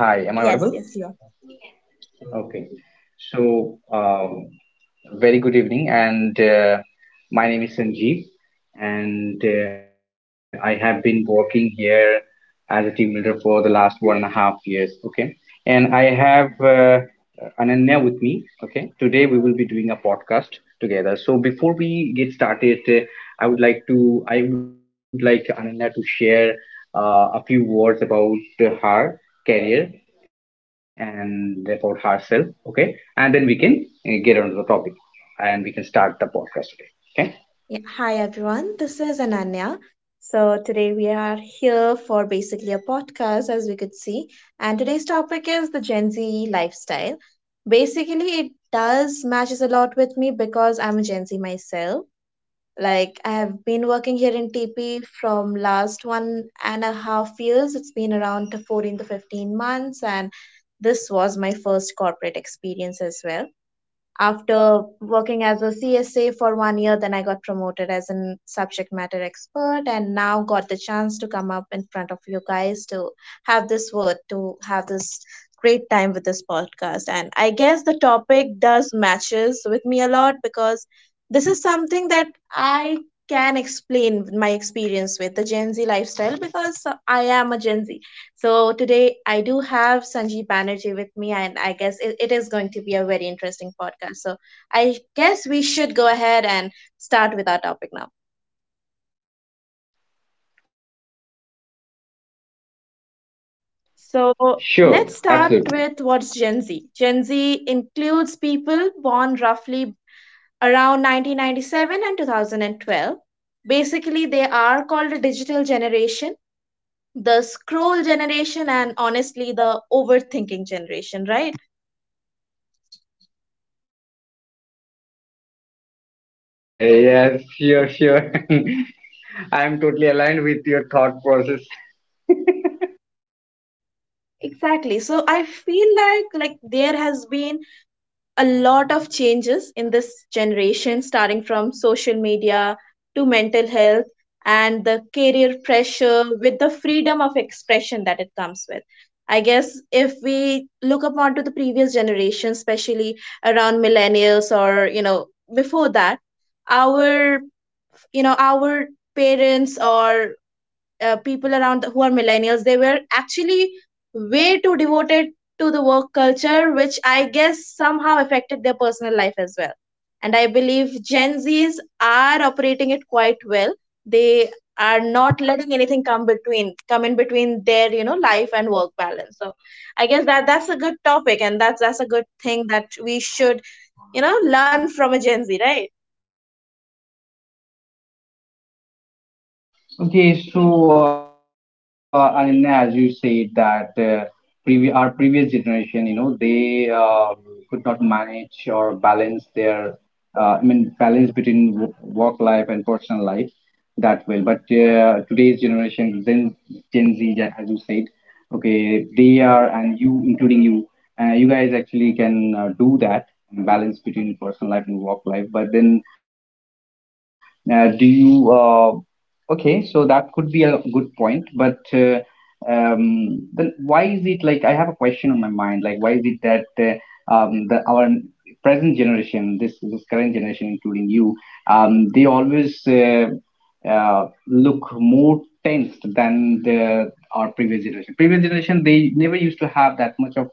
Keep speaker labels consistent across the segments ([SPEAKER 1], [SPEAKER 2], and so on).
[SPEAKER 1] hi. Am I
[SPEAKER 2] Yes,
[SPEAKER 1] audible?
[SPEAKER 2] yes, you are.
[SPEAKER 1] Okay. So, um, Very good evening, and my name is Sanjeev, and I have been working here as a team leader for the last 1.5 years. Okay, and I have Ananya with me. Okay, today we will be doing a podcast together. So before we get started, I would like to I would like Ananya to share a few words about her career and about herself. Okay, and then we can get on to the topic and we can start the podcast today. Okay.
[SPEAKER 2] Yeah. Hi, everyone. This is Ananya. So today we are here for basically a podcast, as we could see. And today's topic is the Gen Z lifestyle. Basically, it does matches a lot with me because I'm a Gen Z myself. Like, I have been working here in TP from last 1.5 years. It's been around 14 to 15 months. And this was my first corporate experience as well. After working as a CSA for one year, then I got promoted as a subject matter expert and now got the chance to come up in front of you guys to have this word, to have this great time with this podcast. And I guess the topic does matches with me a lot because this is something that I can explain my experience with the Gen Z lifestyle because I am a Gen Z. So today I do have Sanjeev Banerjee with me, and I guess it is going to be a very interesting podcast. So I guess we should go ahead and start with our topic now. So
[SPEAKER 1] Sure,
[SPEAKER 2] let's start
[SPEAKER 1] absolutely.
[SPEAKER 2] with what's Gen Z. Gen Z includes people born roughly around 1997 and 2012. Basically, they are called the digital generation, the scroll generation, and honestly, the overthinking generation, right?
[SPEAKER 1] Yeah, sure, sure. I'm totally aligned with your thought process.
[SPEAKER 2] Exactly. So I feel like there has been a lot of changes in this generation, starting from social media to mental health and the career pressure with the freedom of expression that it comes with. I guess if we look up onto the previous generation, especially around millennials or, you know, before that, our, you know, our parents or people around who are millennials, they were actually way too devoted to the work culture, which I guess somehow affected their personal life as well. And I believe Gen Z's are operating it quite well. They are not letting anything come in between their, you know, life and work balance. So I guess that's a good topic, and that's a good thing that we should, you know, learn from a Gen Z, right?
[SPEAKER 1] Okay, so and as you said that our previous generation, you know, they could not manage or balance their, I mean, balance between work life and personal life that well. But today's generation, Gen Z, yeah, as you said, okay, they are, and you, including you. You guys actually can do that balance between personal life and work life, but then do you okay, so that could be a good point, but then why is it? Like, I have a question on my mind. Like, why is it that the our present generation, this current generation, including you, they always look more tensed than the our previous generation? Previous generation, they never used to have that much of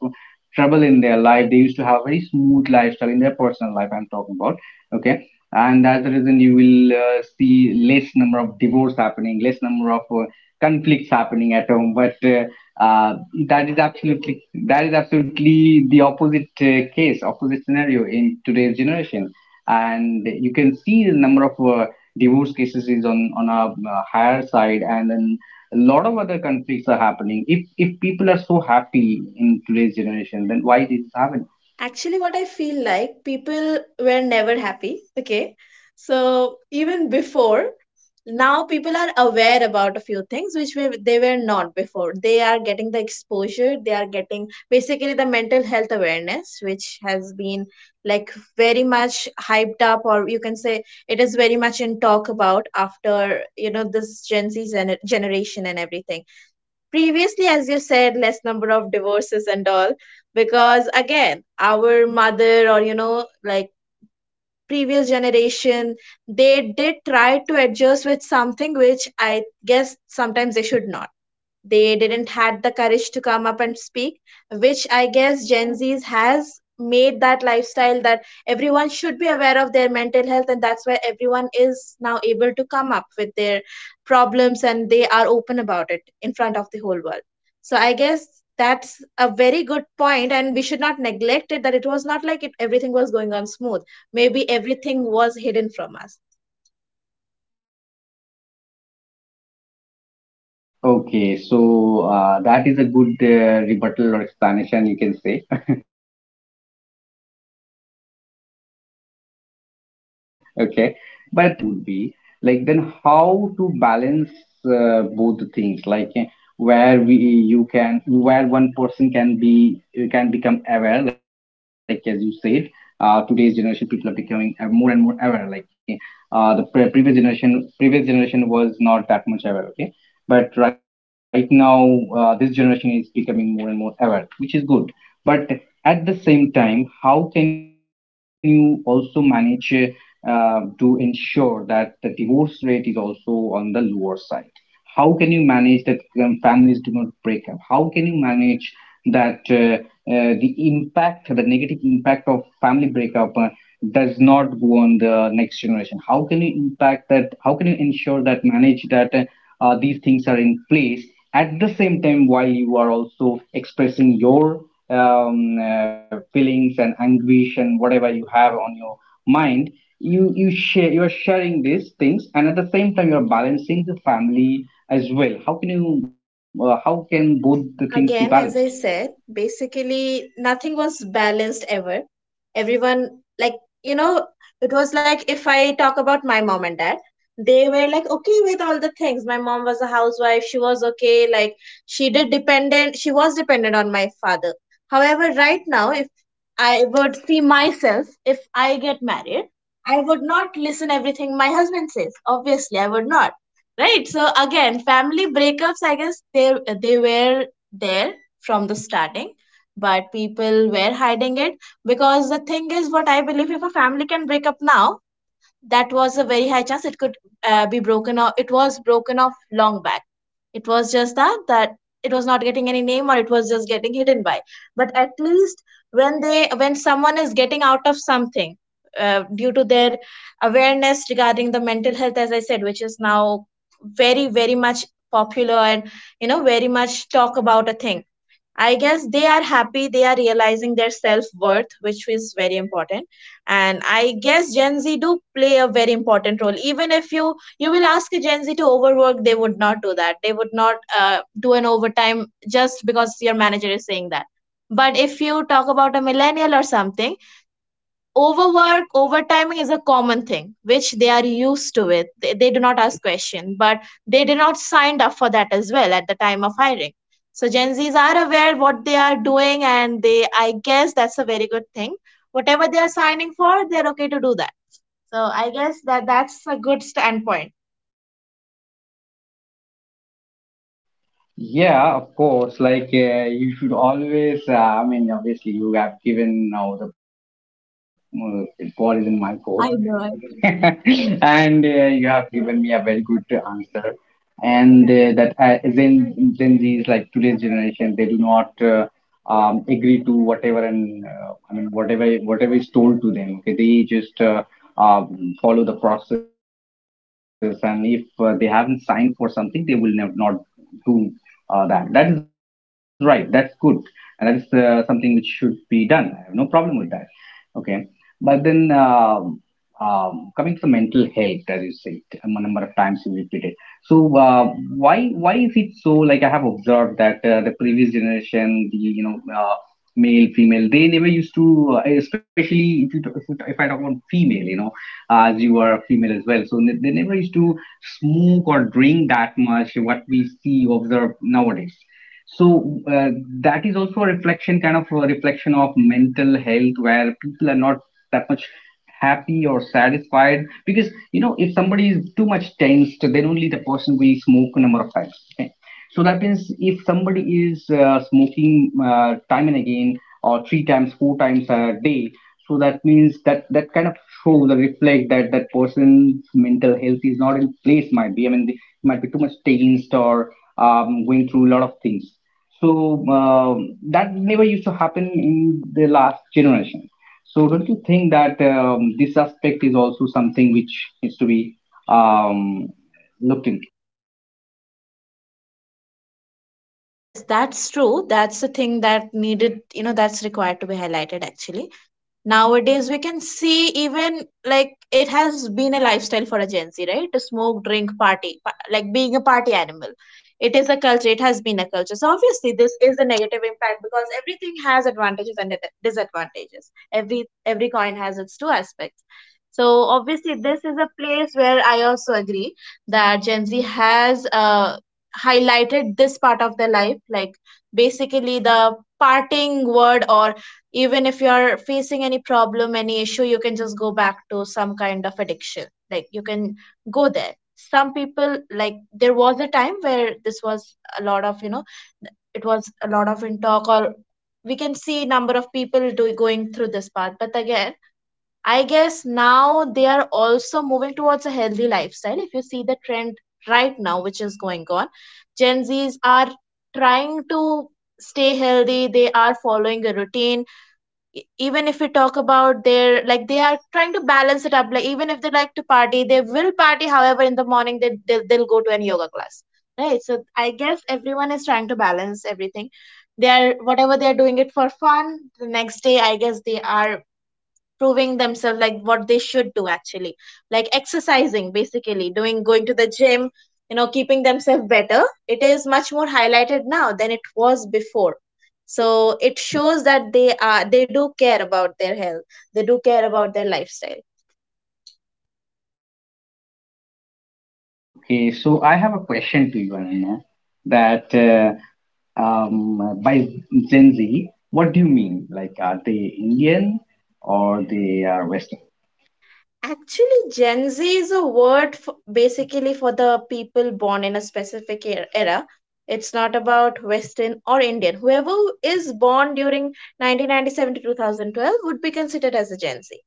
[SPEAKER 1] trouble in their life. They used to have a very smooth lifestyle in their personal life. I'm talking about, okay, and that's the reason you will see less number of divorce happening, less number of conflicts happening at home. But uh, that is absolutely the opposite case, opposite scenario in today's generation, and you can see the number of divorce cases is on a higher side, and then a lot of other conflicts are happening. If people are so happy in today's generation, then why this is happening?
[SPEAKER 2] Actually, what I feel like people were never happy. Okay. So even before, now people are aware about a few things which they were not before. They are getting the exposure, they are getting basically the mental health awareness, which has been, like, very much hyped up, or you can say it is very much in talk about after, you know, this Gen Z generation and everything. Previously, as you said, less number of divorces and all, because again, our mother or, you know, like, previous generation, they did try to adjust with something which I guess sometimes they should not. They didn't had the courage to come up and speak, which I guess Gen Z's has made that lifestyle, that everyone should be aware of their mental health, and that's why everyone is now able to come up with their problems and they are open about it in front of the whole world. So I guess that's a very good point, and we should not neglect it, that it was not like everything was going on smooth. Maybe everything was hidden from us.
[SPEAKER 1] Okay, so that is a good rebuttal or explanation, you can say. Okay, but Ananya, in that case, my question to you would be, like, then how to balance both the things, like, where we you can where one person can be can become aware, like as you said, today's generation people are becoming more and more aware, like the previous generation was not that much aware. Okay, but right now this generation is becoming more and more aware, which is good, but at the same time, how can you also manage to ensure that the divorce rate is also on the lower side? How can you manage that, families do not break up? How can you manage that the negative impact of family breakup does not go on the next generation? How can you impact that? How can you ensure that, manage that, these things are in place at the same time while you are also expressing your feelings and anguish and whatever you have on your mind? You are sharing these things, and at the same time, you are balancing the family as well. How can you how can both the things be balanced?
[SPEAKER 2] Again, as I said, basically nothing was balanced ever. Everyone, like, you know, it was like if I talk about my mom and dad, they were like okay with all the things. My mom was a housewife, she was okay, like, she was dependent on my father. However, right now, if I would see myself, if I get married, I would not listen everything my husband says. Obviously, I would not. Right. So again, family breakups, I guess they were there from the starting, but people were hiding it, because the thing is, what I believe, if a family can break up now, that was a very high chance it could be broken off. It was broken off long back. It was just that it was not getting any name, or it was just getting hidden by. But at least when they when someone is getting out of something due to their awareness regarding the mental health, as I said, which is now very, very much popular and, you know, very much talk about a thing, I guess they are happy, they are realizing their self worth, which is very important. And I guess Gen Z do play a very important role. Even if you will ask a Gen Z to overwork, they would not do that. They would not do an overtime just because your manager is saying that. But if you talk about a millennial or something, overwork overtiming is a common thing which they are used to it. They do not ask question, but they did not signed up for that as well at the time of hiring. So Gen Z's are aware what they are doing, and they, I guess that's a very good thing. Whatever they are signing for, they're okay to do that. So I guess that's a good standpoint.
[SPEAKER 1] Yeah, of course. Like you should always. I mean, obviously, you have given now the ball is in my court.
[SPEAKER 2] I know. I know.
[SPEAKER 1] And you have given me a very good answer, and that Gen Z's, like, today's generation, they do not agree to whatever and I mean, whatever is told to them, okay, they just follow the process, and if they haven't signed for something, they will never not do that is right, that's good, and that is something which should be done. I have no problem with that. Okay, but then coming to mental health, as you said, a number of times you repeated. So why why is it so? Like, I have observed that the previous generation, the you know male, female, they never used to, especially if if, you if I talk about female, you know, as you are a female as well, so they never used to smoke or drink that much. What we see observe nowadays. So that is also a reflection, kind of a reflection of mental health, where people are not that much happy or satisfied, because, you know, if somebody is too much tensed, then only the person will smoke a number of times, okay? So that means if somebody is smoking time and again or three times four times a day, so that means that that kind of shows or reflect that that person's mental health is not in place. Might be, I mean, they might be too much tensed or going through a lot of things. So that never used to happen in the last generation. So don't you think that this aspect is also something which needs to be um, looked into?
[SPEAKER 2] Yes, that's true. That's the thing that needed, you know, that's required to be highlighted actually. Nowadays, we can see even, like, it has been a lifestyle for a Gen Z, right? To smoke, drink, party, like being a party animal. It is a culture, it has been a culture. So obviously, this is a negative impact, because everything has advantages and disadvantages. Every coin has its two aspects. So obviously, this is a place where I also agree that Gen Z has highlighted this part of their life, like basically the parting word. Or even if you are facing any problem, any issue, you can just go back to some kind of addiction, like you can go there. Some people, like, there was a time where this was a lot of, you know, it was a lot of in talk, or we can see number of people going through this path. But again, I guess now they are also moving towards a healthy lifestyle. If you see the trend right now which is going on, Gen Z's are trying to stay healthy, they are following a routine. Even if we talk about their, like, they are trying to balance it up. Like, even if they like to party, they will party; however, in the morning, they they'll go to an yoga class, right? So I guess everyone is trying to balance everything. They are, whatever they are doing it for fun, the next day, I guess they are proving themselves like what they should do actually. Like exercising, basically doing, going to the gym, you know, keeping themselves better. It is much more highlighted now than it was before. So it shows that they are, they do care about their health, they do care about their lifestyle.
[SPEAKER 1] Okay, so I have a question to you, Ananya, that by Gen Z, what do you mean? Like, are they Indian or they are Western?
[SPEAKER 2] Actually, Gen Z is a word for basically for the people born in a specific era. It's not about Western or Indian. Whoever is born during 1997 to 2012 would be considered as a Gen Z.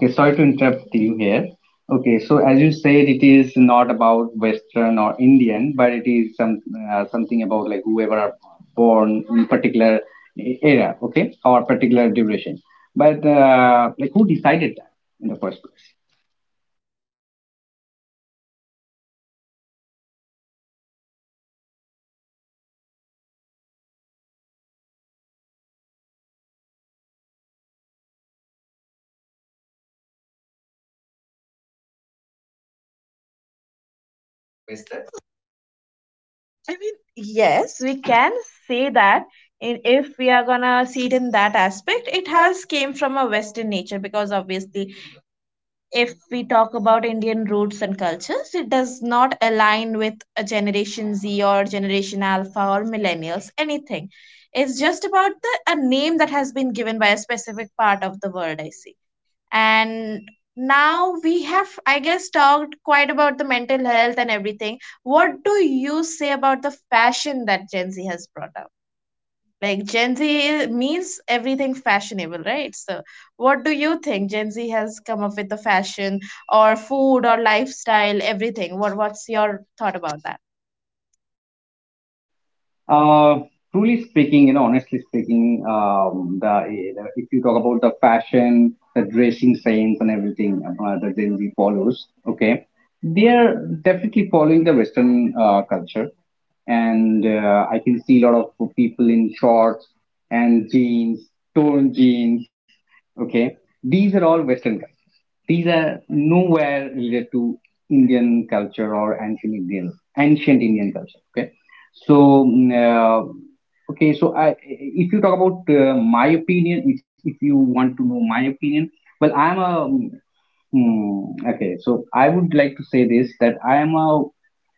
[SPEAKER 1] Okay, sorry to interrupt you here. Okay, so as you said, it is not about Western or Indian, but it is some something about, like, whoever are born in particular era, okay, or particular duration. But like, who decided that in the first place?
[SPEAKER 2] I mean, yes, we can say that in, if we are gonna see it in that aspect, it has came from a Western nature, because obviously, if we talk about Indian roots and cultures, it does not align with a Generation Z or Generation Alpha or millennials, anything. It's just about the a name that has been given by a specific part of the world, I see. And now we have, I guess, talked quite about the mental health and everything. What do you say about the fashion that Gen Z has brought up? Like, Gen Z means everything fashionable, right? So what do you think Gen Z has come up with, the fashion or food or lifestyle, everything? What, what's your thought about that?
[SPEAKER 1] Uh, Truly speaking, you know, honestly speaking, the if you talk about the fashion, the dressing sense, and everything, the Gen Z follows, okay, they are definitely following the Western culture, and I can see a lot of people in shorts and jeans, torn jeans, okay. These are all Western culture. These are nowhere related to Indian culture or ancient Indian culture. Okay, so, mm, uh, okay, so I, if you talk about my opinion, if you want to know my opinion, well, I'm a, mm, mm, okay, so I would like to say this, that I am a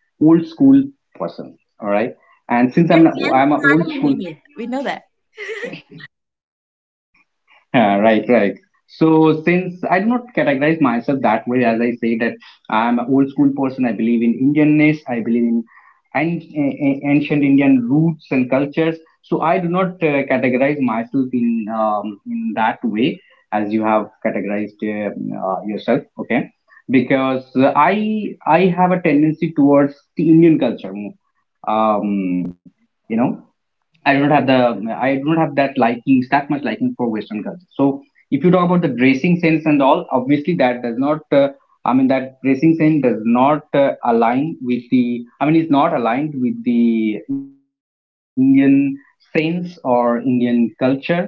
[SPEAKER 1] old school person, all right? And since I'm a old school.
[SPEAKER 2] We know that.
[SPEAKER 1] Yeah, right, right. So since I do not categorize myself that way, as I say that I'm an old school person, I believe in Indianness, I believe in ancient Indian roots and cultures. So I do not categorize myself in that way, as you have categorized yourself. Okay, because I have a tendency towards the Indian culture more. Um, you know. I do not have that liking, that much liking for Western culture. So if you talk about the dressing sense and all, obviously that does not. I mean, that dressing sense does not align with the. I mean, it's not aligned with the Indian sense or Indian culture.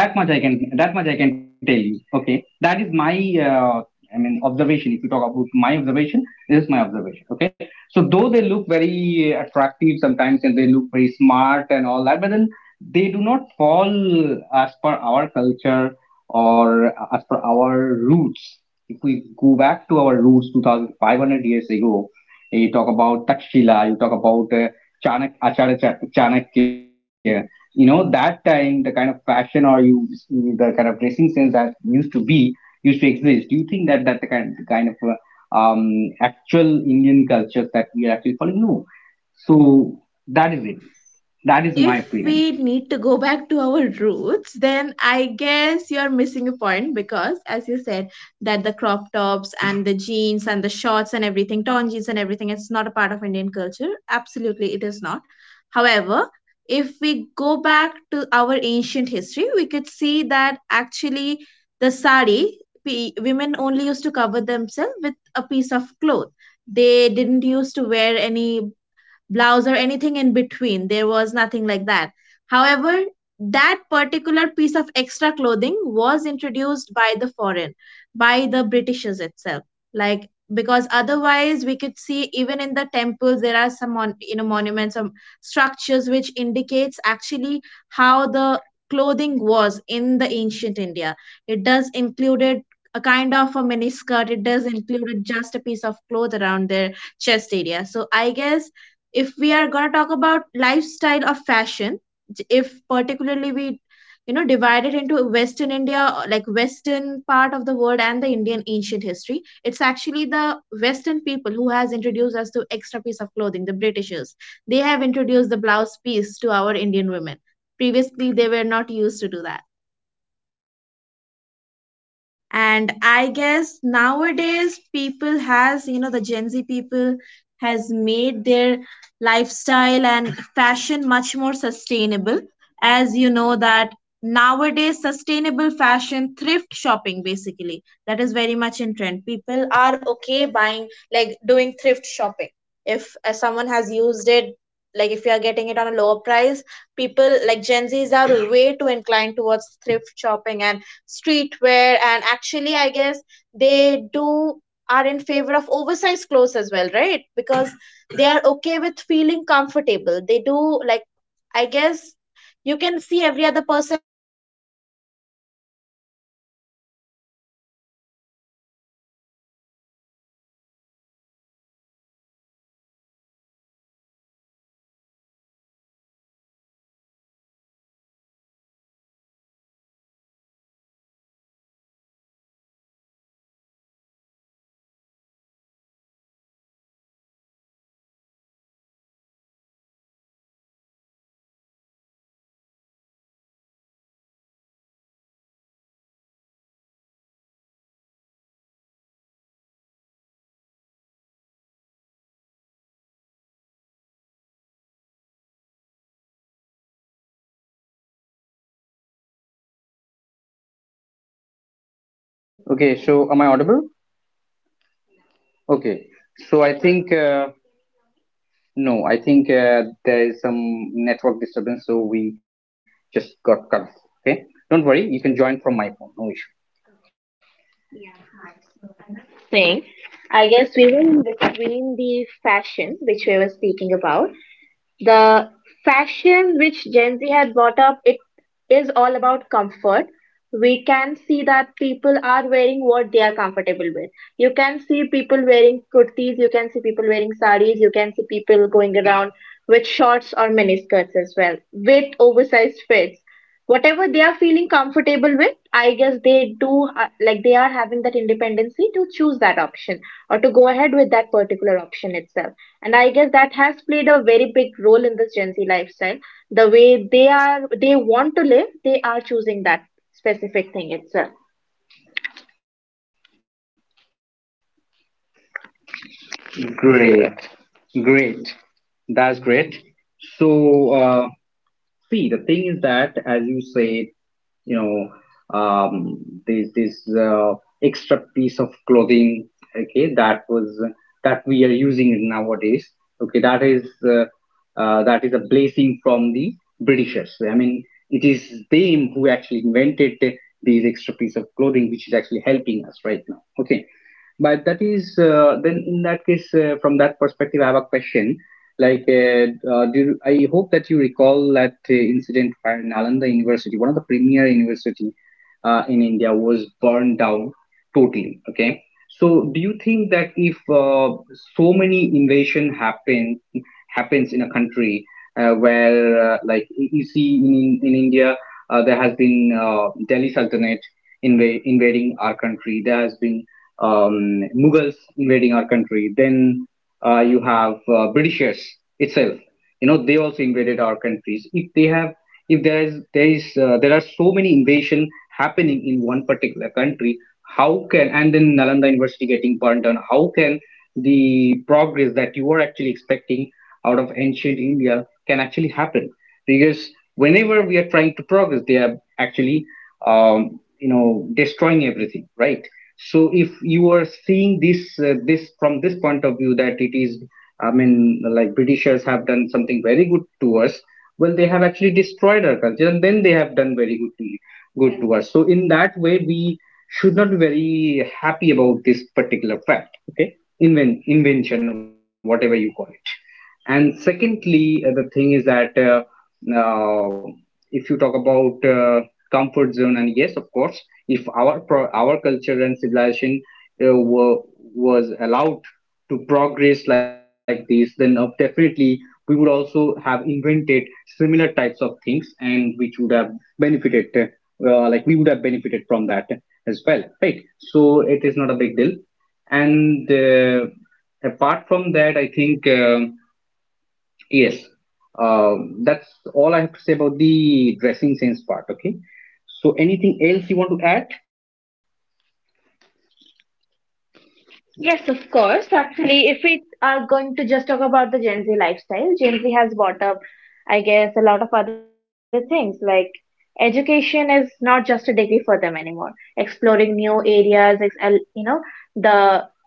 [SPEAKER 1] that much i can that much I can tell you, okay, that is my uh, I mean, observation. If you talk about my observation, this is my observation, okay? So though they look very attractive sometimes and they look very smart and all that, but then they do not fall as per our culture or as per our roots. If we go back to our roots 2500 years ago, you talk about Takshila, you talk about Acharya Chanakya. You know, that time the kind of fashion or you the kind of dressing sense that used to be used to exist. Do you think that the kind of actual Indian culture that we are actually following? No. So that is it. That is my
[SPEAKER 2] If
[SPEAKER 1] opinion.
[SPEAKER 2] we need to go back to our roots, then I guess you're missing a point, because as you said, that the crop tops and the jeans and the shorts and everything, torn jeans and everything, it's not a part of Indian culture. Absolutely, it is not. However, if we go back to our ancient history, we could see that, actually, the sari, women only used to cover themselves with a piece of cloth. They didn't used to wear any blouse or anything in between. There was nothing like that. However, that particular piece of extra clothing was introduced by the foreign, by the Britishers itself. Like, because otherwise we could see even in the temples there are some you know, monuments, some structures which indicates actually how the clothing was in the ancient India. It does included a kind of a miniskirt. It does include just a piece of cloth around their chest area. So I guess if we are going to talk about lifestyle of fashion, if particularly we, you know, divide it into Western India, like Western part of the world and the Indian ancient history, it's actually the Western people who has introduced us to extra piece of clothing. The Britishers, they have introduced the blouse piece to our Indian women. Previously, they were not used to do that. And I guess nowadays, people has, you know, the Gen Z people has made their lifestyle and fashion much more sustainable. As you know that nowadays, sustainable fashion, thrift shopping, basically, that is very much in trend. People are okay buying, like doing thrift shopping. If someone has used it, like if you are getting it on a lower price, people like Gen Z's are way too inclined towards thrift shopping and streetwear. And actually, I guess they do are in favor of oversized clothes as well, right? Because they are okay with feeling comfortable. They do like, I guess, you can see every other person now, and they will have a different
[SPEAKER 1] Okay, so am I audible? Okay, so I think. No, I think there is some network disturbance, so we just got cut off. Okay, don't worry, you can join from my phone, no issue thing. I guess we were in between the fashion, which we were speaking about. The fashion which Gen Z had brought up, it is all about comfort. We can see that people are wearing what they are comfortable with. You can see people wearing kurtis, you can see people wearing saris, you can see people going around with shorts or miniskirts as well, with oversized fits, whatever they are feeling comfortable with. I guess they do, like, they are having that independency to choose that option or to go ahead with that particular option itself. And I guess that has played a very big role in this Gen Z lifestyle. The way they are, they want to live, they are choosing that specific thing itself. Great, great. That's great. So, see, the thing is that, as you said, you know um, this extra piece of clothing, okay, that was, that we are using it nowadays, okay, that is a blessing from the britishers. I mean, it is them who actually invented these extra piece of clothing, which is actually helping us right now, okay? But that is then in that case, from that perspective, I have a question. Like, I hope that you recall that incident where Nalanda University, one of the premier university in India, was burned down totally. Okay, so do you think that if so many invasion happens in a country where, like, you see in India, there has been Delhi Sultanate invading our country. There has been Mughals invading our country. Then you have Britishers itself. You know, they also invaded our countries. If they have, if there are so many invasion happening in one particular country, how can, and then Nalanda University getting burned down? How can the progress that you are actually expecting out of ancient India can actually happen? Because whenever we are trying to progress, they are actually, you know, destroying everything, right? So if you are seeing this, from this point of view that it is, I mean, like, Britishers have done something very good to us. Well, they have actually destroyed our culture, and then they have done very good to us. So in that way, we should not be very happy about this particular fact. Okay, invention, whatever you call it. And secondly, the thing is that. Uh, if you talk about comfort zone, and yes, of course, if our our culture and civilization uh, were, was allowed to progress like this, then definitely we would also have invented similar types of things, and which would have benefited like, we would have benefited from that as well, right? So it is not a big deal. And apart from that, I think yes, that's all I have to say about the dressing sense part. Okay, so anything else you want to add? Yes, of course. Actually, if we are going to just talk about the Gen Z lifestyle, Gen Z has brought up, I guess, a lot of other things, like education is not just a degree for them anymore. Exploring new areas, you know, the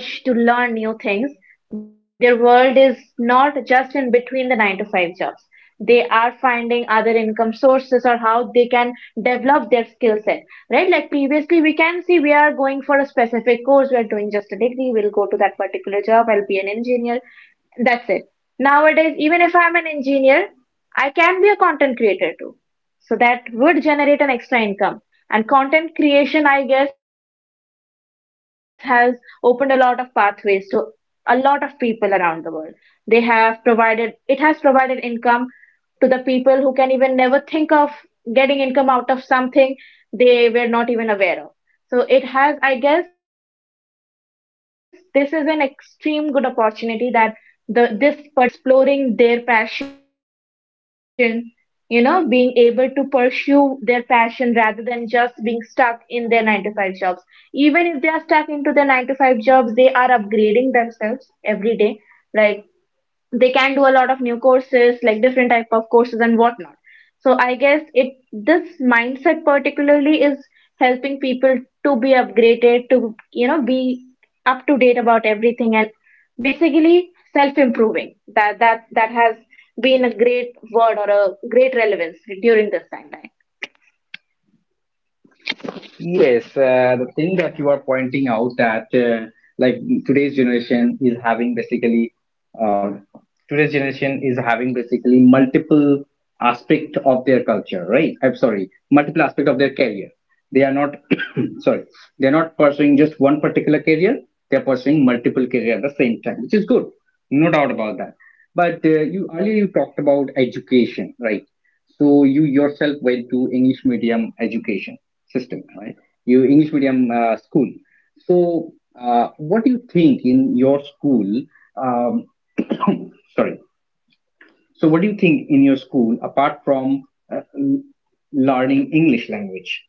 [SPEAKER 1] urge to learn new things. Their world is not just in between the 9 to 5 jobs. They are finding other income sources, or how they can develop their skill set, right? Like previously, we can see, we are going for a specific course, we are doing just a degree, we'll go to that particular job, I'll be an engineer, that's it. Nowadays, even if I'm an engineer, I can be a content creator too. So that would generate an extra income. And content creation, I guess, has opened a lot of pathways to a lot of people around the world. They have provided, it has provided income to the people who can even never think of getting income out of something they were not even aware of. So it has, I guess, this is an extreme good opportunity that the this particular lifestyle has given us. Basically, people exploring their passion, you know, being able to pursue their passion rather than just being stuck in their 9 to 5 jobs. Even if they are stuck into their 9 to 5 jobs, they are upgrading themselves every day. Like, they can do a lot of new courses, like different type of courses and whatnot. So I guess it, this mindset particularly is helping people to be upgraded, to, you know, be up to date about everything, and basically self improving. That has been a great word or a great relevance during this time, right? Yes, the thing that you are pointing out that like, today's generation is having uh, basically multiple aspect of their culture, right? I'm sorry, multiple aspect of their career. They are not sorry, they are not pursuing just one particular career. They are pursuing multiple career at the same time, which is good, no doubt about that. But you earlier you talked about education, right? So you yourself went to English medium education system, right? You English medium school. So what do you think in your school? Um, sorry. So what do you think in your school apart from uh, l- learning English language?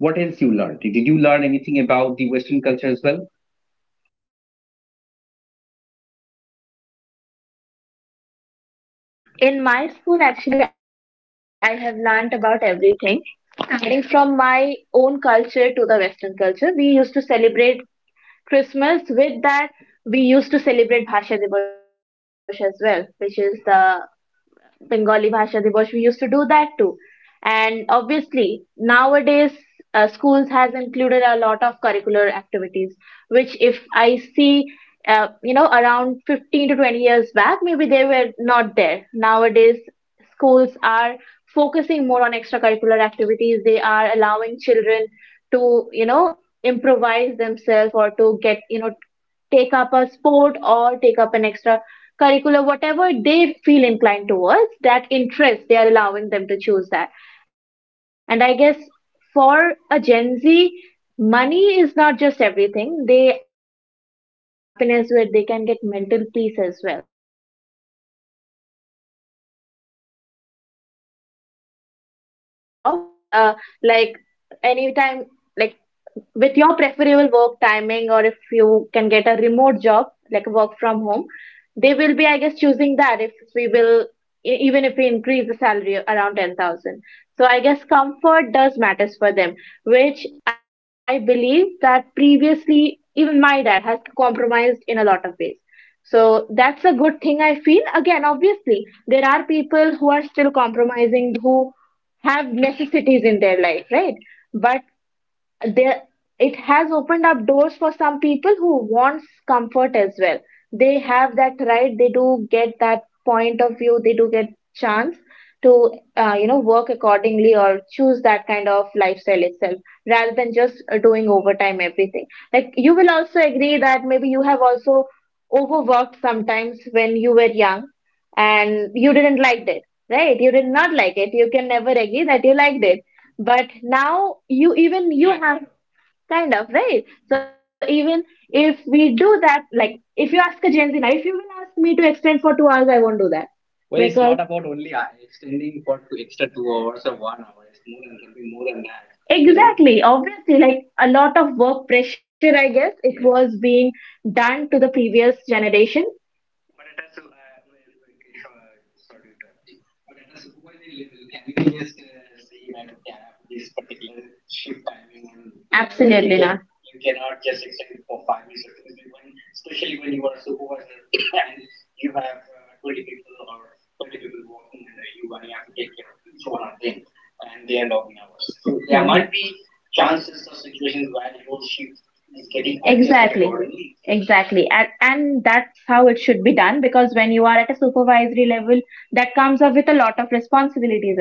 [SPEAKER 1] What else you learned? Did you learn anything about the Western culture as well? In my school, actually, I have learnt about everything, starting from my own culture to the Western culture. We used to celebrate Christmas. With that, we used to celebrate Bhasha Dibosh as well, which is the Bengali Bhasha Dibosh, we used to do that too. And obviously, nowadays schools has included a lot of curricular activities, which if I see, you know, around 15 to 20 years back, maybe they were not there. Nowadays, schools are focusing more on extracurricular activities. They are allowing children to, you know, improvise themselves, or to get, you know, take up a sport or take up an extra curricula, whatever they feel inclined towards, that interest, they are allowing them to choose that. And I guess for a Gen Z, money is not just everything. They are running towards happiness where they can get mental peace as well. If you ask a Gen Z now, I guess if you're gonna choose a 15,000 salary job with a, like, anytime, like, with your preferable work timing, or if you can get a remote job, like work from home, they will be, I guess, choosing that, if we will, even if we increase the salary around 10,000. So I guess comfort does matters for them, which I believe that previously even my dad has compromised in a lot of ways. So that's a good thing, I feel. Again, obviously there are people who are still compromising, who have necessities in their life, right? But there, it has opened up doors for some people who wants comfort as well. They have that right, they do get that point of view, they do get chance to, you know, work accordingly or choose that kind of lifestyle itself, rather than just doing overtime everything. Like, you will also agree that maybe you have also overworked sometimes when you were young, and you didn't like it, right? You did not like it, you can never agree that you liked it. But now, you even, you have kind of right. So even if we do that, like if you ask a Gen Z now, if you will ask me to extend for 2 hours, I won't do that. Well, it's because not exactly, obviously, like, a lot of work pressure, I guess it was being done to the previous generation. Exactly. And that's how it should be done, because when you are at a supervisory level, that comes up with a lot of responsibilities.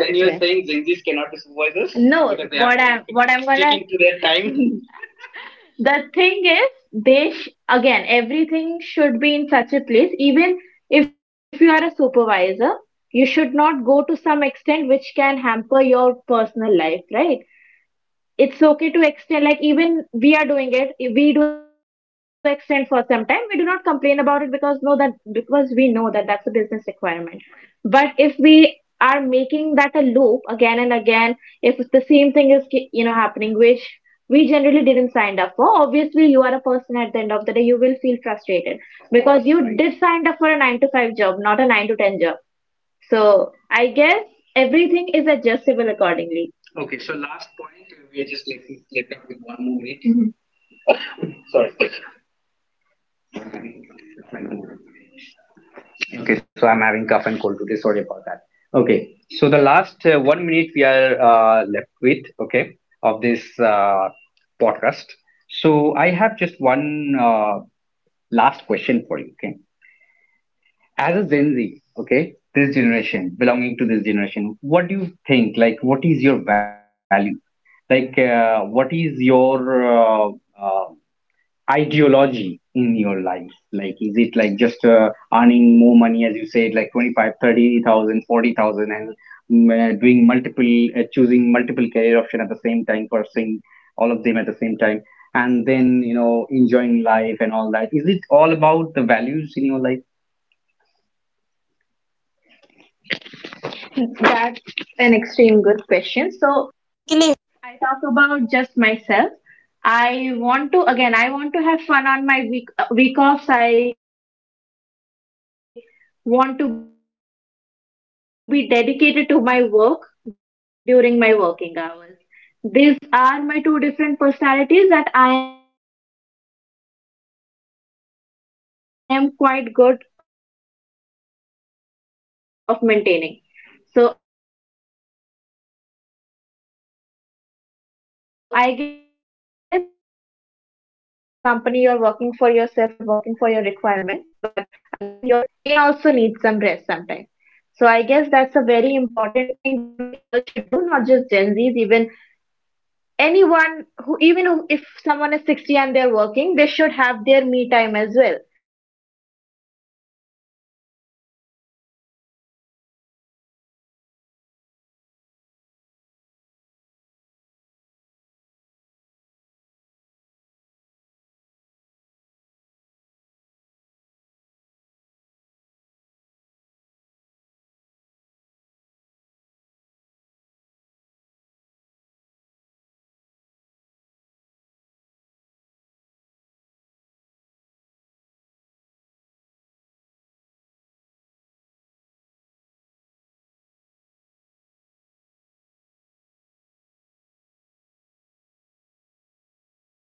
[SPEAKER 1] I'm the thing is, again, everything should be in such a place. Even if you are a supervisor, you should not go to some extent which can hamper your personal life, right? It's okay to extend, like even we are doing it, if we do extend for some time, we do not complain about it, because no, that, because we know that that's a business requirement. But if we are making that a loop again and again, if the same thing is you know, happening, which we generally didn't sign up for, obviously you are a person at the end of the day, you will feel frustrated, because you right did sign up for a 9 to 5 job, not a 9 to 10 job. So I guess everything is adjustable accordingly. Okay, so last point, we are just like let up with one more movie. Sorry. Okay, so I'm having cough and cold today. Sorry about that. Okay, so the last 1 minute we are left with, okay, of this podcast. So I have just one last question for you. Okay, as a Gen Z, okay, this generation, belonging to this generation, what do you think? Like, what is your value? Like, what is your uh, ideology in your life? Like, is it like just earning more money, as you said, like 25, 30,000, 40,000, and doing choosing multiple career option at the same time, pursuing all of them at the same time? And then, you know, enjoying life and all that. Is it all about the values in your life? That's an extreme good question. So I talk about just myself. I want to again. I want to have fun on my week offs. I want to be dedicated to my work during my working hours. These are my two different personalities that I am quite good of maintaining. So I guess we all like what I feel like, the only thing that we should take from the Gen Z lifestyle is their capability of having the work life balance, because obviously you need some refreshment at the end of the day. You are working hard, you are working for a company, you're working for yourself, you're working for your requirements, but again, your brain also needs some rest sometimes. So I guess that's a very important thing that we all should do, not just Gen Zs, even anyone if someone is 60 and they're working, they should have their me time as well. They should get maybe a week off and they can have fun with their family, that's their me time, right? That is my goal. Yeah, exactly, my ultimate goal, if you ask about. Yeah, exactly, my, actually, if we talk about my values, is that you know, staying down to earth. Actually, that's a value that I do care about, and I do Being a follow good that person. Being a good person. With that, I am not ready to compromise with what I want. Like, I want success in my life.